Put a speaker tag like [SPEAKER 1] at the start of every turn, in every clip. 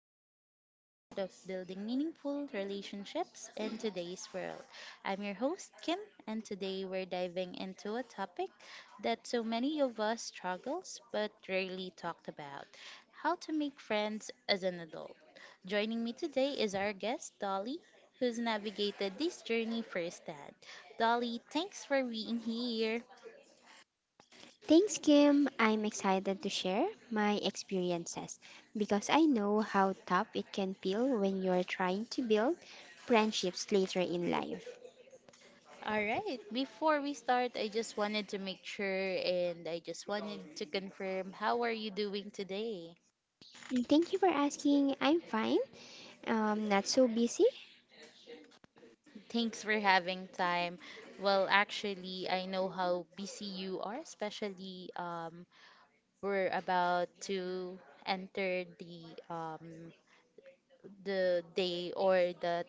[SPEAKER 1] explore the art of building meaningful relationships in today's world. I'm your host, Kim, and today we're diving into a topic that so many of us struggles but rarely talked about how to make friends as an adult. Joining me today is our guest, Dolly, who's navigated this journey firsthand. Dolly, thanks for being here.
[SPEAKER 2] Thanks, Kim. I'm excited to share my experiences because I know how tough it can feel when you're trying to build friendships later in life.
[SPEAKER 1] All right. Before we start, I just wanted to make sure and I just wanted to confirm how are you doing today?
[SPEAKER 2] And Thank you for asking. I'm fine. Not so busy.
[SPEAKER 1] Thanks for having time. Well, actually, I know how busy you are, especially we're about to enter um the day or the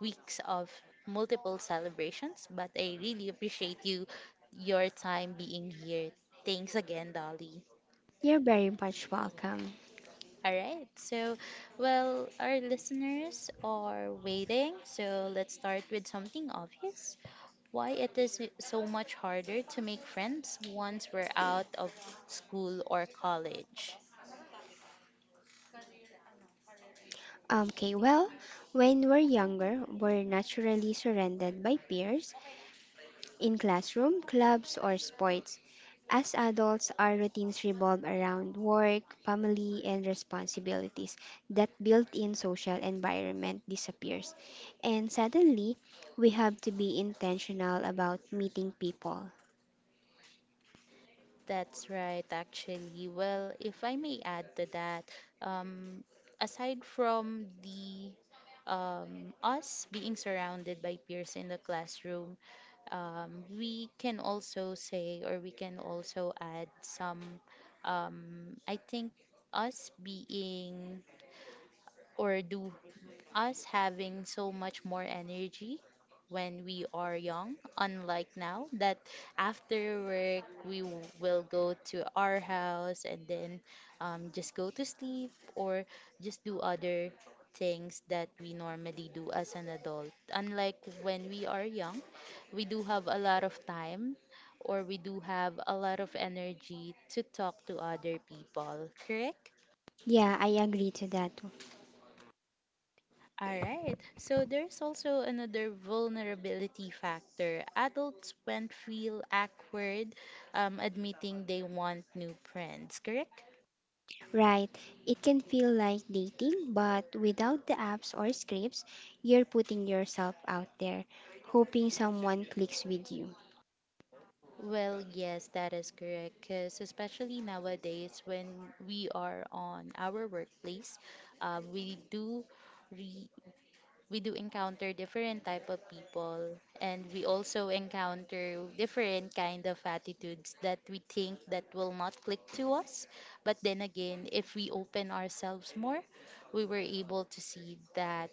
[SPEAKER 1] weeks of multiple celebrations, but I really appreciate your time being here. Thanks again, Dolly.
[SPEAKER 2] You're very much welcome.
[SPEAKER 1] All right. So, well, our listeners are waiting. So, let's start with something obvious. Why it is so much harder to make friends once we're out of school or college?
[SPEAKER 2] Okay. When we're younger, we're naturally surrounded by peers in classroom, clubs, or sports. As adults, our routines revolve around work, family, and responsibilities. That built in social environment disappears. And suddenly, we have to be intentional about meeting people.
[SPEAKER 1] That's right, actually. Well, if I may add to that, um, aside from the us being surrounded by peers in the classroom, we can also say or we can also add some, I think, us being or do us having so much more energy when we are young, unlike now that after work will go to our house, and then just go to sleep or just do other things that we normally do as an adult. Unlike when we are young, we do have a lot of time or we do have a lot of energy to talk to other people, correct?
[SPEAKER 2] Yeah, I agree to that.
[SPEAKER 1] All right. So there's also another vulnerability factor. Adults won't feel awkward admitting they want new friends, correct?
[SPEAKER 2] Right. It can feel like dating, but without the apps or scripts, you're putting yourself out there, hoping someone clicks with you.
[SPEAKER 1] Well, yes, that is correct. Because especially nowadays, when we are on our workplace, we do re. We do encounter different type of people, and we also encounter different kind of attitudes that we think that will not click to us. But then again, if we open ourselves more, we were able to see that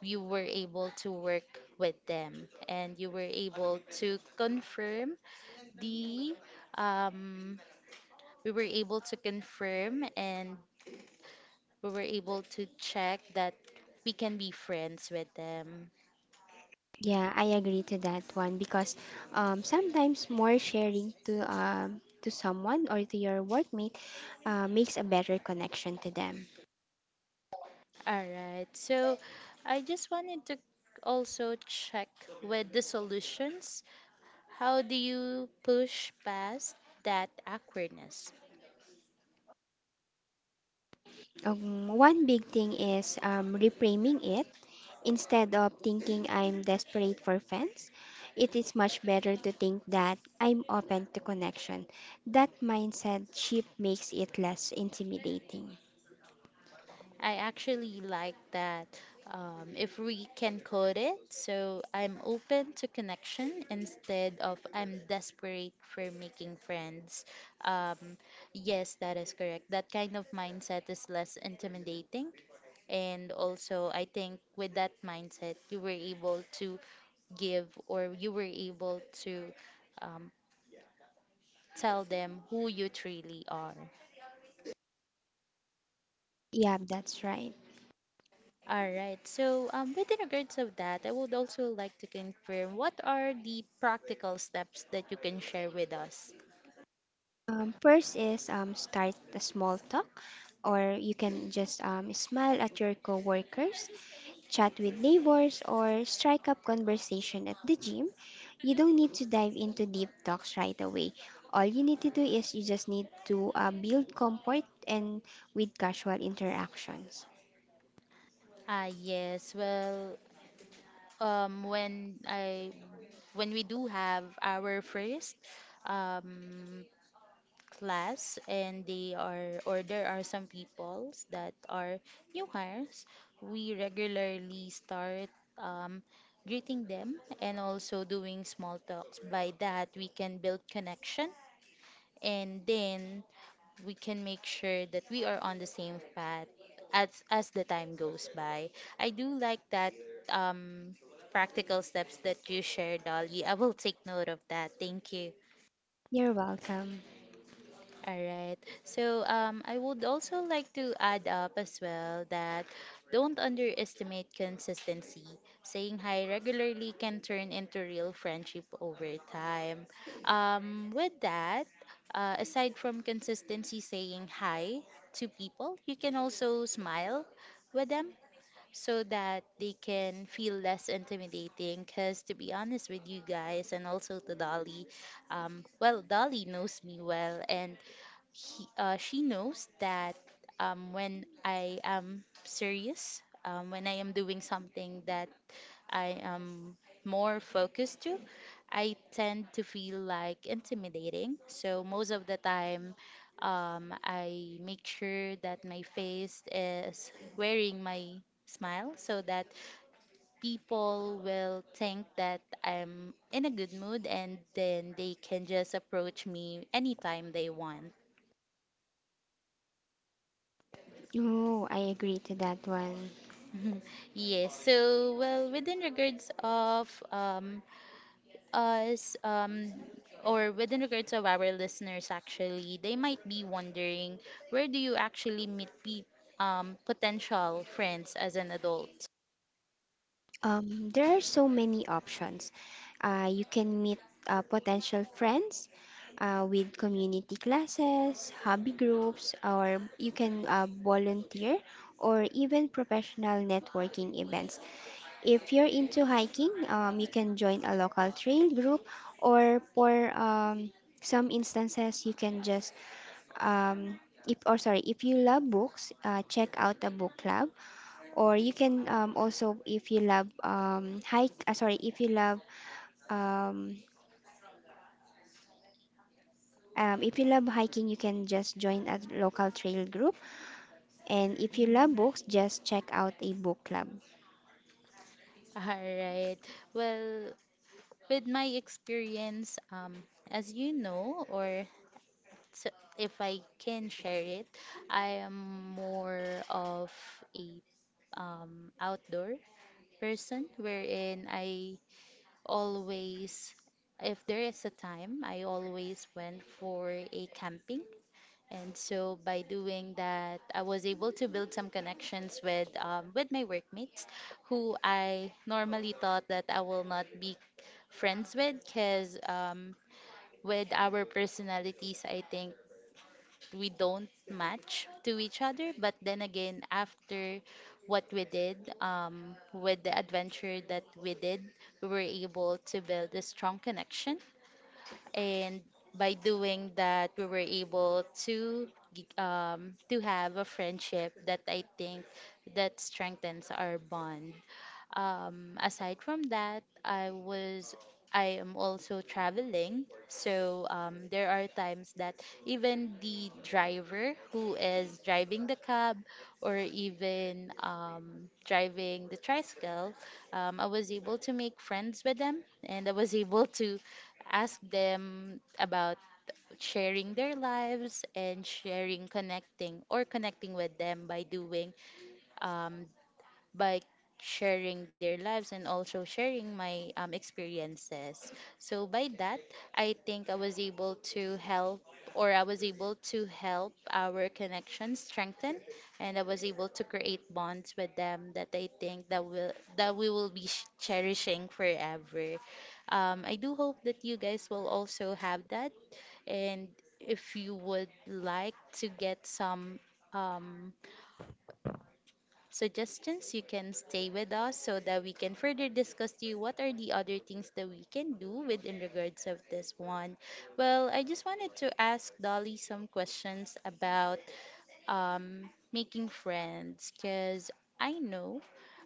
[SPEAKER 1] you were able to work with them, and you were able to confirm the um, we were able to confirm and we were able to check that we can be friends with them.
[SPEAKER 2] Yeah, I agree to that one because sometimes more sharing to someone or to your workmate makes a better connection to them.
[SPEAKER 1] All right. So I just wanted to also check with the solutions. How do you push past that awkwardness?
[SPEAKER 2] One big thing is reframing it. Instead of thinking I'm desperate for fans, it is much better to think that I'm open to connection. That mindset shift makes it less intimidating.
[SPEAKER 1] I actually like that, if we can code it, so I'm open to connection instead of I'm desperate for making friends. Um, yes, that is correct. That kind of mindset is less intimidating. And also, I think with that mindset, you were able to give or you were able to um, tell them who you truly are.
[SPEAKER 2] Yeah, that's right.
[SPEAKER 1] All right. So, within regards of that, I would also like to confirm what are the practical steps that you can share with us?
[SPEAKER 2] First is start a small talk, or you can just smile at your coworkers, chat with neighbors, or strike up conversation at the gym. You don't need to dive into deep talks right away. All you need to do is you just need to build comfort and with casual interactions.
[SPEAKER 1] Ah, yes. Well, um, when I when we do have our first um class, and they are or there are some peoples that are new hires, we regularly start um greeting them and also doing small talks. By that, we can build connection, and then we can make sure that we are on the same path as the time goes by. I do like that um practical steps that you shared, Dolly. I will take note of that. Thank you.
[SPEAKER 2] You're welcome.
[SPEAKER 1] All right. So I would also like to add up as well that don't underestimate consistency. Saying hi regularly can turn into real friendship over time. With that, aside from consistency saying hi to people, you can also smile with them so that they can feel less intimidating. Because to be honest with you guys, and also to Dolly, well, Dolly knows me well, and she knows that when I am serious, when I am doing something that I am more focused to, I tend to feel like intimidating. So most of the time, I make sure that my face is wearing my smile so that people will think that I'm in a good mood, and then they can just approach me anytime they want.
[SPEAKER 2] Oh, I agree to that one.
[SPEAKER 1] Yes. So, well, within regards of us or within regards of our listeners, actually, they might be wondering where do you actually meet potential friends as an adult?
[SPEAKER 2] There are so many options. You can meet potential friends with community classes, hobby groups, or you can volunteer or even professional networking events. If you're into hiking, you can join a local trail group, or for some instances, you can just um, if or sorry, if you love books, check out a book club, or you can also if you love hike sorry, if you love um, hiking you can just join a local trail group, and if you love books, just check out a book club.
[SPEAKER 1] All right. Well, with my experience, as you know, or so if I can share it, I am more of a outdoor person wherein I always, if there is a time, I always went for a camping. And so by doing that, I was able to build some connections with my workmates, who I normally thought that I will not be friends with, because with our personalities, I think we don't match to each other. But then again, after what we did, with the adventure that we did, we were able to build a strong connection, and by doing that we were able to to have a friendship that I think that strengthens our bond. Aside from that, I am also traveling, so there are times that even the driver who is driving the cab, or even driving the tricycle, I was able to make friends with them, and I was able to ask them about sharing their lives, and sharing connecting or connecting with them by doing um, by sharing their lives and also sharing my experiences. So by that, I think I was able to help, or I was able to help our connection strengthen, and I was able to create bonds with them that I think that we will be cherishing forever. I do hope that you guys will also have that, and if you would like to get some um, suggestions, you can stay with us so that we can further discuss to you what are the other things that we can do with in regards of this one. Well, I just wanted to ask Dolly some questions about making friends, because I know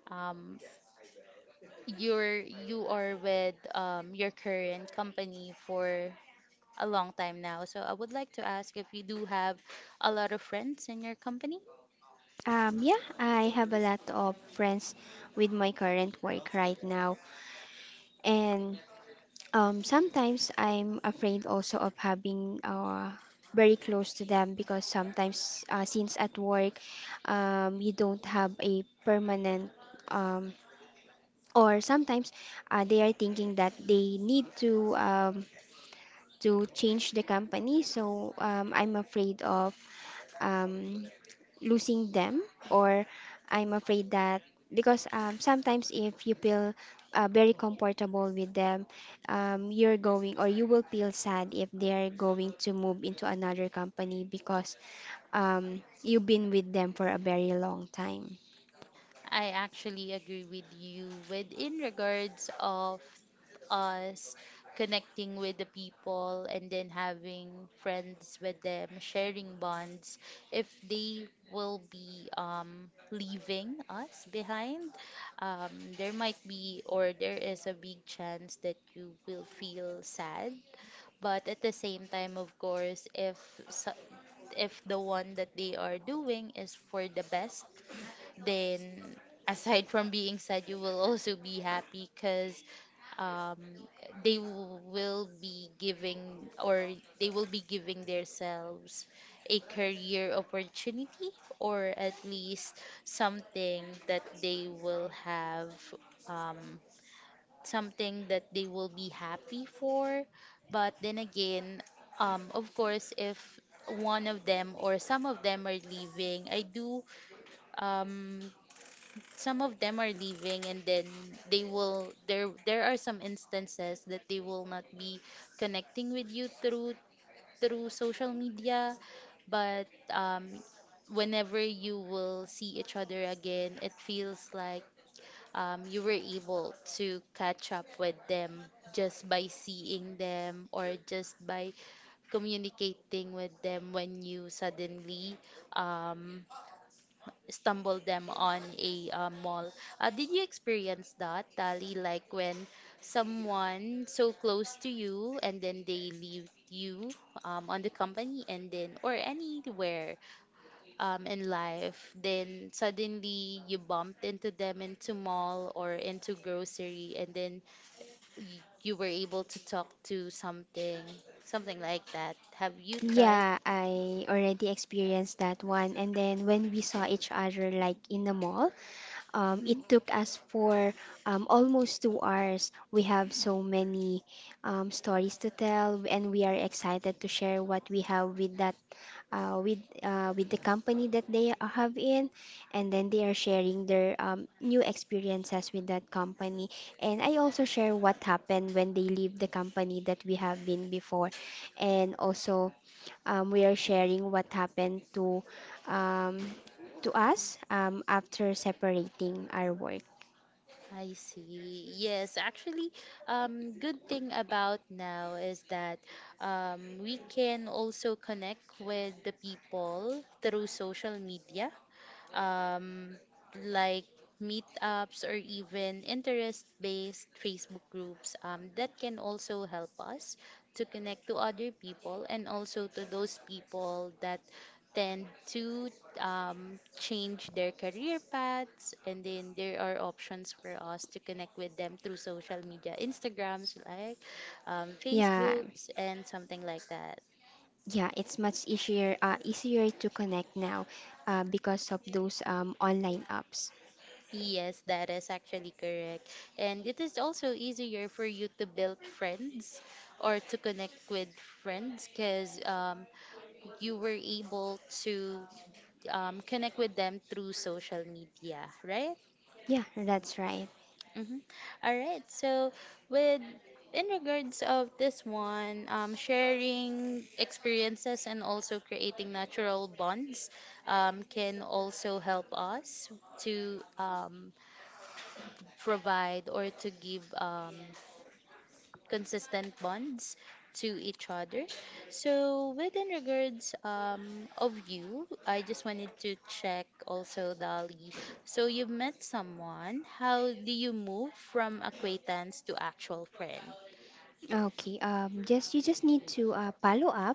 [SPEAKER 1] um, you are with your current company for a long time now. So I would like to ask if you do have a lot of friends in your company.
[SPEAKER 2] Yeah, I have a lot of friends with my current work right now, and sometimes I'm afraid also of having very close to them because sometimes since at work you don't have a permanent, um, or sometimes they are thinking that they need to change the company. So I'm afraid of um, losing them, or I'm afraid that because sometimes if you feel very comfortable with them, you're going or you will feel sad if they're going to move into another company because you've been with them for a very long time.
[SPEAKER 1] I actually agree with you with in regards of us connecting with the people, and then having friends with them, sharing bonds. If they will be leaving us behind, um, there might be or there is a big chance that you will feel sad. But at the same time, of course, if so- if the one that they are doing is for the best, then aside from being sad you will also be happy, because um, they w- will be giving or they will be giving themselves a career opportunity, or at least something that they will have, um, something that they will be happy for. But then again, of course, if one of them or some of them are leaving, I do um some of them are leaving, and then they will there there are some instances that they will not be connecting with you through social media. But whenever you will see each other again, it feels like you were able to catch up with them just by seeing them, or just by communicating with them when you suddenly um stumble them on a mall. Did you experience that, Tali? Like when someone so close to you and then they leave you on the company, and then or anywhere in life, then suddenly you bumped into them into mall or into grocery, and then you were able to talk to something, something like that. Have you tried?
[SPEAKER 2] Yeah, I already experienced that one. And then when we saw each other like in the mall, it
[SPEAKER 1] Mm-hmm.
[SPEAKER 2] took us for almost 2 hours. We have so many stories to tell, and we are excited to share what we have with that with the company that they are- have in, and then they are sharing their new experiences with that company. And I also share what happened when they leave the company that we have been before, and also we are sharing what happened um, to us after separating our work.
[SPEAKER 1] I see. Yes, actually, good thing about now is that we can also connect with the people through social media, um, like meetups or even interest-based Facebook groups, that can also help us to connect to other people and also to those people that tend to change their career paths, and then there are options for us to connect with them through social media instagrams like
[SPEAKER 2] Yeah.
[SPEAKER 1] facebooks and something like that.
[SPEAKER 2] Yeah, it's much easier easier to connect now because of those online apps.
[SPEAKER 1] Yes, that is actually correct. And it is also easier for you to build friends or to connect with friends, because you were able to connect with them through social media, right?
[SPEAKER 2] Yeah, that's right.
[SPEAKER 1] Mm-hmm. All right. So, with in regards of this one, sharing experiences and also creating natural bonds can also help us to provide or to give consistent bonds to each other. So within regards of you, I just wanted to check also, Dali. So you met someone. How do you move from acquaintance to actual friend?
[SPEAKER 2] Okay. Just you just need to follow up.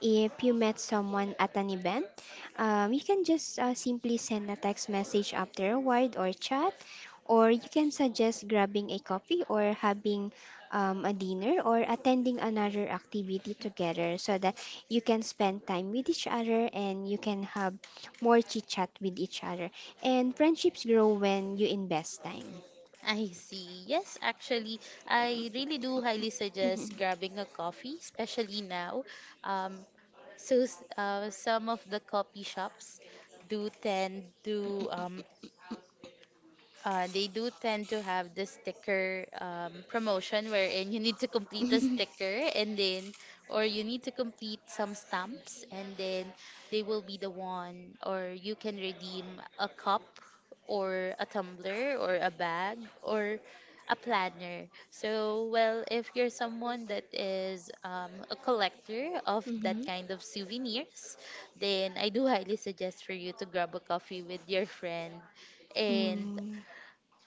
[SPEAKER 2] If you met someone at an event, you can just simply send a text message afterward or chat, or you can suggest grabbing a coffee or having a dinner or attending another activity together so that you can spend time with each other and you can have more chit chat with each other. And friendships grow when you invest time.
[SPEAKER 1] I see. Yes, actually, I really do highly
[SPEAKER 2] Mhm.
[SPEAKER 1] suggest grabbing a coffee, especially now. Um, some of the coffee shops do tend to they do tend to have the sticker promotion wherein you need to complete a sticker and then or you need to complete some stamps and then they will be the one or you can redeem a cup or a tumbler or a bag or a planner. So well, if you're someone that is a collector of that kind of souvenirs, then I do highly suggest for you to grab a coffee with your friend.
[SPEAKER 2] Mhm.
[SPEAKER 1] And
[SPEAKER 2] Mm.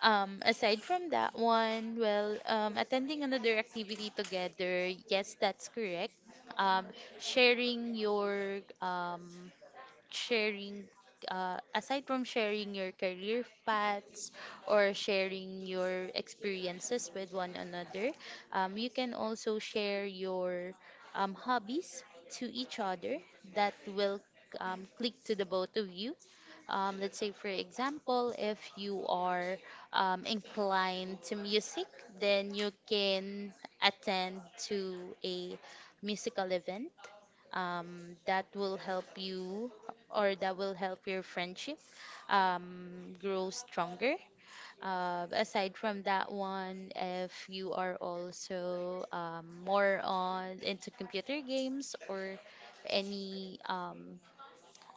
[SPEAKER 1] aside from that one, well, attending another activity together, yes, that's correct. Um, Sharing your sharing aside from sharing your career paths or sharing your experiences with one another, you can also share your hobbies to each other that will click to the both of you. Let's say for example, if you are inclined to music, then you can attend to a musical event that will help you or that will help your friendship grow stronger. Aside from that one, if you are also more on into computer games or any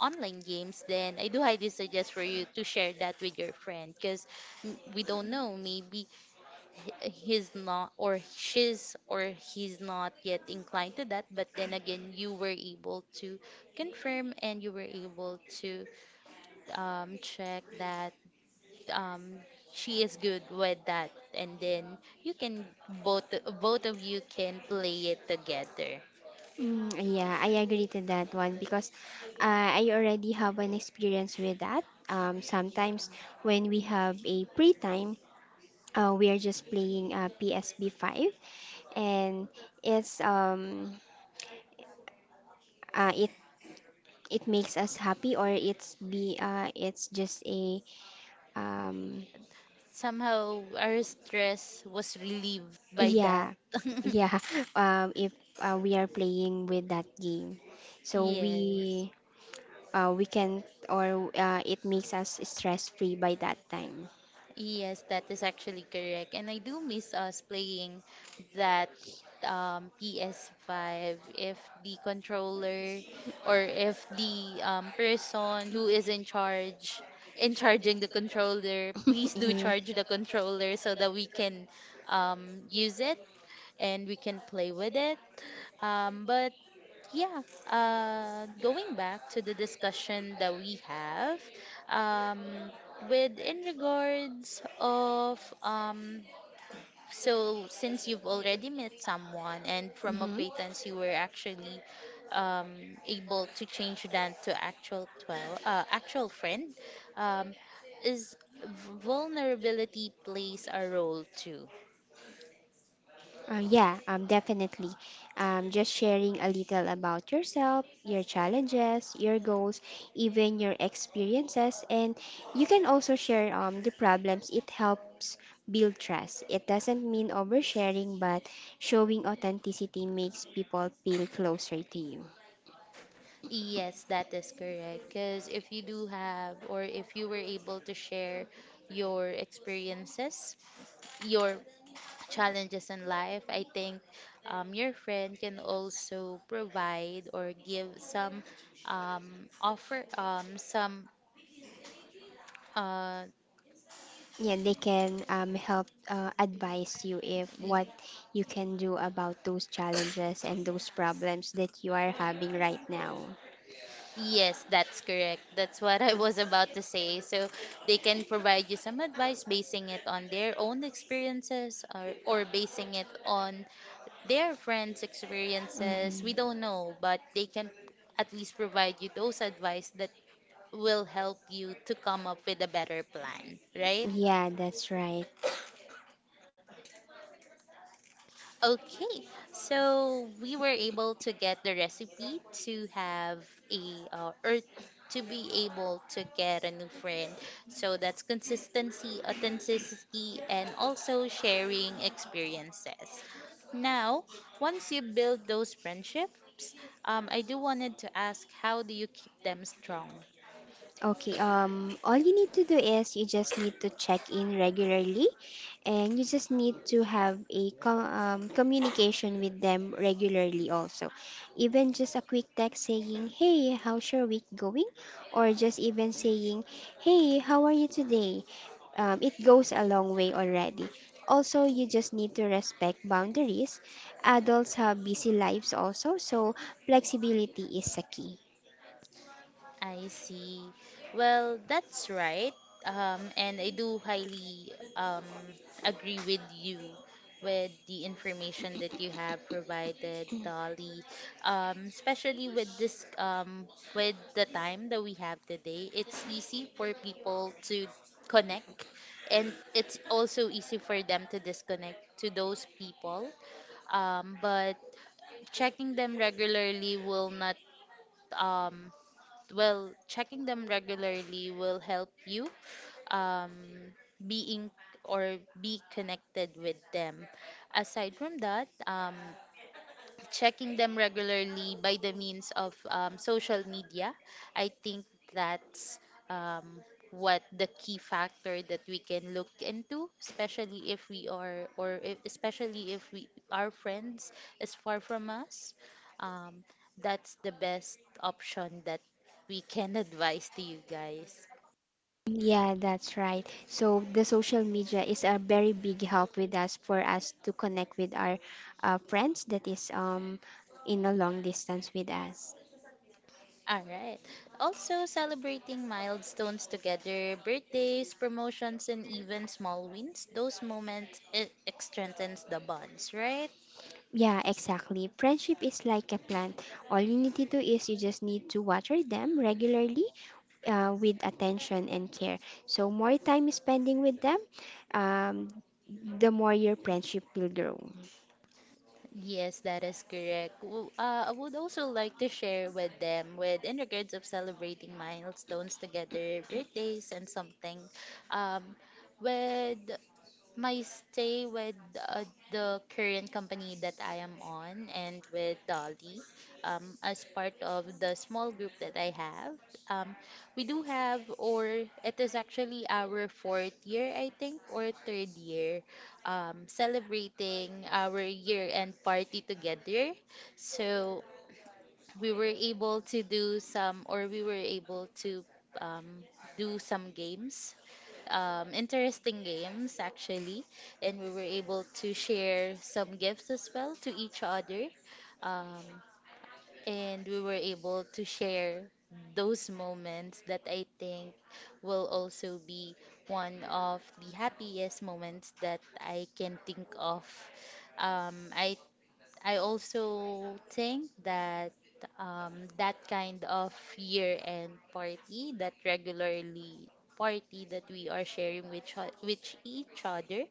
[SPEAKER 1] online games, then I do highly suggest for you to share that with your friend, because we don't know, maybe he's not or she's or he's not yet inclined to that, but then again, you were able to confirm and you were able to check that um, she is good with that, and then you can both both of you can play it together.
[SPEAKER 2] Yeah, I agree to that one because I already have an experience with that. Sometimes when we have a free time, we are just playing PSB 5, and it's um uh, it it makes us happy, or it's just a um
[SPEAKER 1] Somehow our stress was relieved by that.
[SPEAKER 2] yeah. yeah if we are playing with that game. So
[SPEAKER 1] Yes.
[SPEAKER 2] we can, or it makes us stress free by that time.
[SPEAKER 1] Yes, that is actually correct. And I do miss us playing that PS5, if the controller or if the person who is in charge in charging the controller, please do
[SPEAKER 2] yeah.
[SPEAKER 1] charge the controller so that we can use it and we can play with it. Um, but yeah, Going back to the discussion that we have, um, with in regards of so since you've already met someone and from
[SPEAKER 2] Mhm.
[SPEAKER 1] acquaintance, you were actually able to change that to actual twelve actual friend, um, is vulnerability plays a role too.
[SPEAKER 2] Yeah, definitely. Just sharing a little about yourself, your challenges, your goals, even your experiences, and you can also share the problems. It helps build trust. It doesn't mean oversharing, but showing authenticity makes people feel closer to you.
[SPEAKER 1] Yes, that is correct. Because if you do have, or if you were able to share your experiences, your challenges in life, I think your friend can also provide or give some um, offer, some uh,
[SPEAKER 2] Yeah, they can help advise you if what you can do about those challenges and those problems that you are having right now.
[SPEAKER 1] yes, that's correct. That's what I was about to say. So they can provide you some advice, basing it on their own experiences, or basing it on their friends' experiences. We
[SPEAKER 2] Mhm.
[SPEAKER 1] don't know, but they can at least provide you those advice that will help you to come up with a better plan, right?
[SPEAKER 2] Yeah, that's right.
[SPEAKER 1] Okay, so we were able to get the recipe to have a or to be able to get a new friend. So that's consistency, authenticity, and also sharing experiences. Now, once you build those friendships, I do wanted to ask, how do you keep them strong?
[SPEAKER 2] Okay. All you need to do is you just need to check in regularly, and you just need to have a communication with them regularly also. Even just a quick text saying, "Hey, how's your week going?" or just even saying, "Hey, how are you today?" It goes a long way already. Also, you just need to respect boundaries. Adults have busy lives also, so flexibility is a key.
[SPEAKER 1] I see. Well, that's right. And I do highly agree with you with the information that you have provided, Dolly. Especially with this, with the time that we have today, it's easy for people to connect, and it's also easy for them to disconnect to those people, but checking them regularly will not um, well, checking them regularly will help you um, being or be connected with them. Aside from that, checking them regularly by the means of social media. I think that's um, what the key factor that we can look into, especially if we are, or if, especially if we our friends is far from us. Um, that's the best option that we can advise to you guys.
[SPEAKER 2] Yeah, that's right. So the social media is a very big help with us for us to connect with our friends that is in a long distance with us.
[SPEAKER 1] All right. Also, celebrating milestones together, birthdays, promotions, and even small wins. Those moments, it strengthens the bonds, right?
[SPEAKER 2] Yeah, exactly. Friendship is like a plant. All you need to do is you just need to water them regularly with attention and care. So more time spending with them, um, the more your friendship will grow.
[SPEAKER 1] Yes, that is correct. I would also like to share with them, with in regards of celebrating milestones together, birthdays, and something. Um, with my stay with uh, the current company that I am on and with Dolly, as part of the small group that I have, um, we do have, or it is actually our fourth year, I think, or third year, celebrating our year end party together. So we were able to do some, or we were able to um, do some games, interesting games actually, and we were able to share some gifts as well to each other, um, and we were able to share those moments that I think will also be one of the happiest moments that I can think of. um, i I also think that that kind of year-end party, that regularly party that we are sharing with with each other,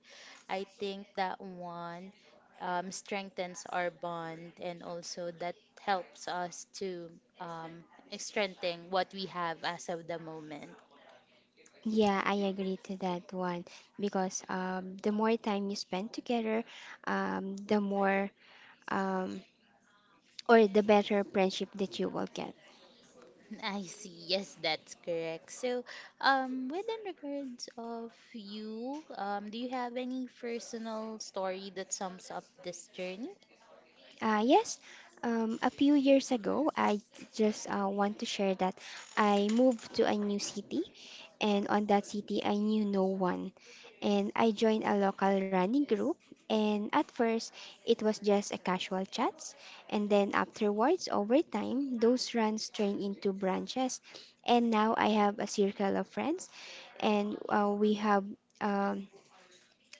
[SPEAKER 1] I think that one strengthens our bond, and also that helps us to um, strengthen what we have as of the moment.
[SPEAKER 2] Yeah, I agree to that one because the more time you spend together, the more um, or the better friendship that you will get.
[SPEAKER 1] I see. Yes, that's correct. So, within regards of you, do you have any personal story that sums up this journey?
[SPEAKER 2] Yes, a few years ago, I just want to share that I moved to a new city, and on that city, I knew no one. And I joined a local running group, and at first, it was just a casual chats, and then afterwards, over time, those runs turned into branches, and now I have a circle of friends, and we have. Um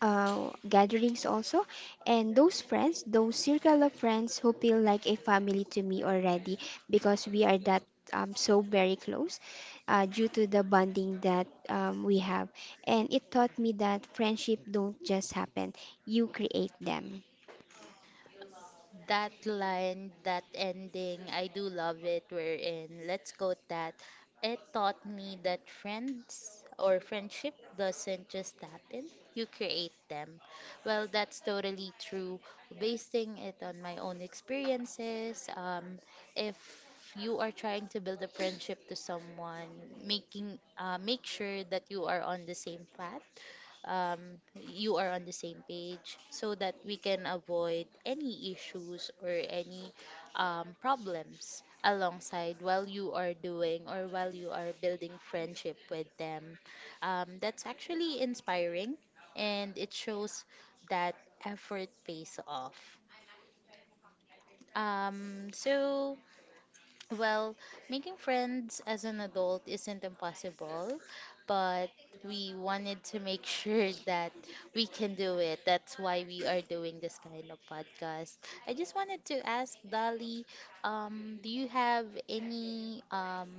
[SPEAKER 2] gatherings also. And those friends, those circle of friends who feel like a family to me already because we are that so very close due to the bonding that we have. And it taught me that friendship don't just happen, you create them.
[SPEAKER 1] That line, that ending, I do love it. We're in. Let's go that. It taught me that friends, or friendship doesn't just happen. You create them. Well, that's totally true. Basing it on my own experiences, if you are trying to build a friendship to someone, making make sure that you are on the same path, you are on the same page, so that we can avoid any issues or any problems alongside while you are doing or while you are building friendship with them. That's actually inspiring, and it shows that effort pays off. So well, making friends as an adult isn't impossible, but we wanted to make sure that we can do it. That's why we are doing this kind of podcast. I just wanted to ask Dolly, do you have any um,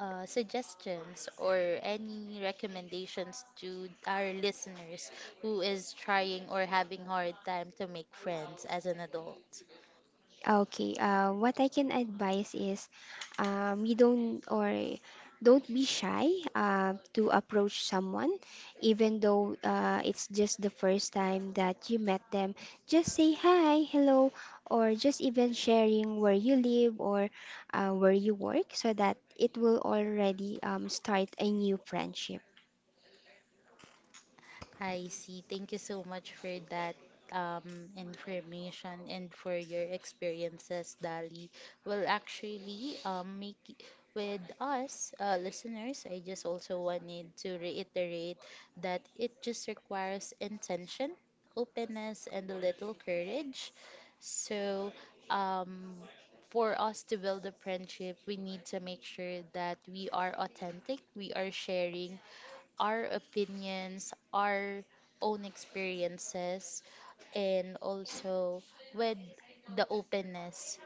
[SPEAKER 1] uh, suggestions or any recommendations to our listeners who is trying or having hard time to make friends as an adult?
[SPEAKER 2] Okay. What I can advise is you don't or don't be shy to approach someone, even though it's just the first time that you met them. Just say hi, hello, or just even sharing where you live or where you work so that it will already start a new friendship.
[SPEAKER 1] I see. Thank you so much for that information and for your experiences, Dali. Well, actually, make with us listeners, I just also wanted to reiterate that it just requires intention, openness, and a little courage. So, um, for us to build a friendship, we need to make sure that we are authentic, we are sharing our opinions, our own experiences, and also with the openness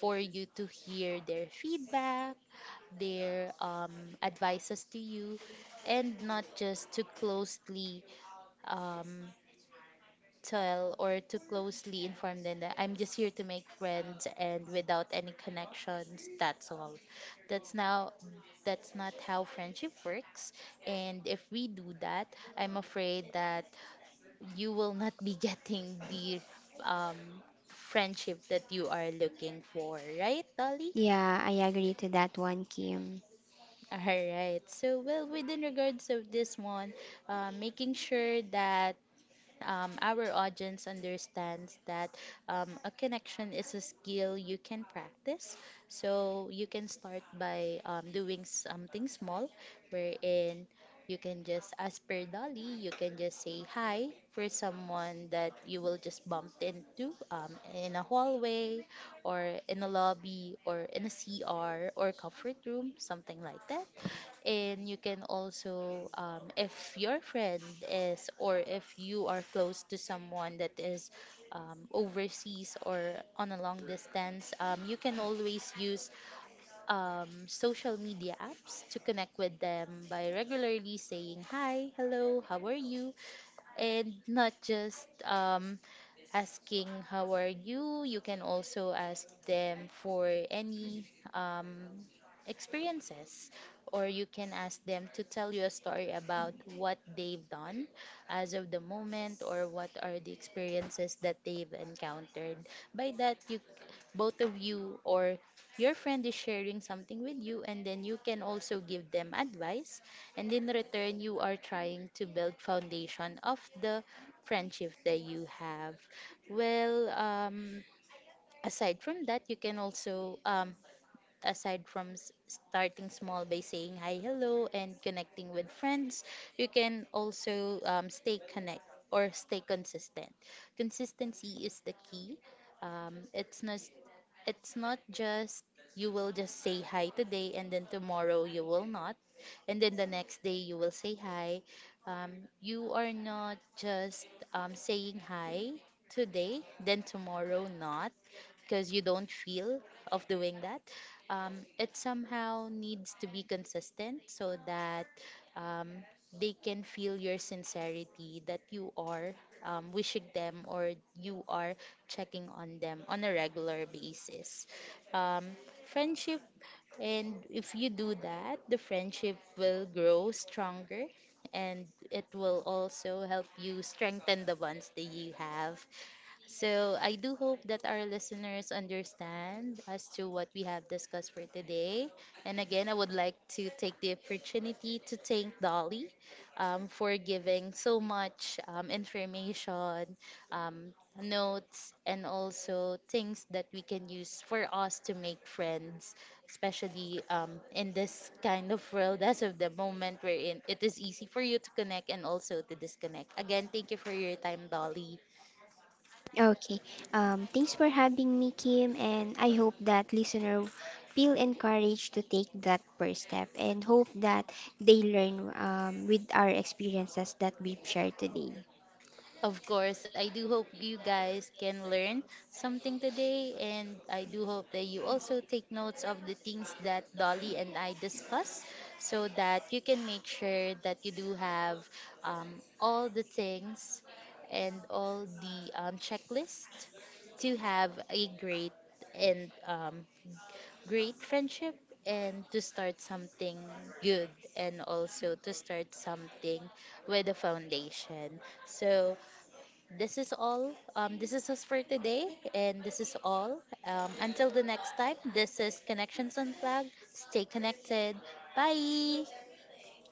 [SPEAKER 1] for you to hear their feedback, their advices to you, and not just to closely um, tell or too closely inform them that I'm just here to make friends and without any connections. That's all. That's now that's not how friendship works. And if we do that, I'm afraid that you will not be getting the um friendship that you are looking for, right, Dolly?
[SPEAKER 2] Yeah, I agree to that one, Kim.
[SPEAKER 1] All right. So, well, within regards of this one, making sure that our audience understands that a connection is a skill you can practice. So you can start by doing something small, wherein you can just, as per Dolly, you can just say hi for someone that you will just bump into in a hallway or in a lobby or in a CR or comfort room, something like that. And you can also, if your friend is, or if you are close to someone that is overseas or on a long distance, you can always use social media apps to connect with them by regularly saying, "Hi, hello, how are you?" And not just asking how are you, you can also ask them for any um, experiences, or you can ask them to tell you a story about what they've done as of the moment, or what are the experiences that they've encountered. By that, you both of you, or your friend, is sharing something with you, and then you can also give them advice, and in return, you are trying to build foundation of the friendship that you have. well um Aside from that, you can also starting small by saying hi, hello, and connecting with friends, you can also stay connect or stay consistent. Consistency is the key. Um, it's not it's not just you will just say hi today, and then tomorrow you will not, and then the next day you will say hi. um, you are not just saying hi today, then tomorrow not, because you don't feel of doing that. It somehow needs to be consistent so that um, they can feel your sincerity, that you are wishing them, or you are checking on them on a regular basis. Um, friendship, and if you do that, the friendship will grow stronger, and it will also help you strengthen the bonds that you have. So I do hope that our listeners understand as to what we have discussed for today. And again, I would like to take the opportunity to thank Dolly for giving so much information, um, notes, and also things that we can use for us to make friends, especially in this kind of world as of the moment we're in. It is easy for you to connect and also to disconnect. Again, thank you for your time, Dolly.
[SPEAKER 2] Okay. Thanks for having me, Kim, and I hope that listener feel encouraged to take that first step and hope that they learn with our experiences that we've shared today.
[SPEAKER 1] Of course, I do hope you guys can learn something today, and I do hope that you also take notes of the things that Dolly and I discuss, so that you can make sure that you do have all the things and all the checklist to have a great and great friendship, and to start something good, and also to start something with a foundation. So, this is all. This is us for today, and this is all. Until the next time, this is Connections Unplugged. Stay connected. Bye.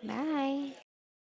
[SPEAKER 2] Bye.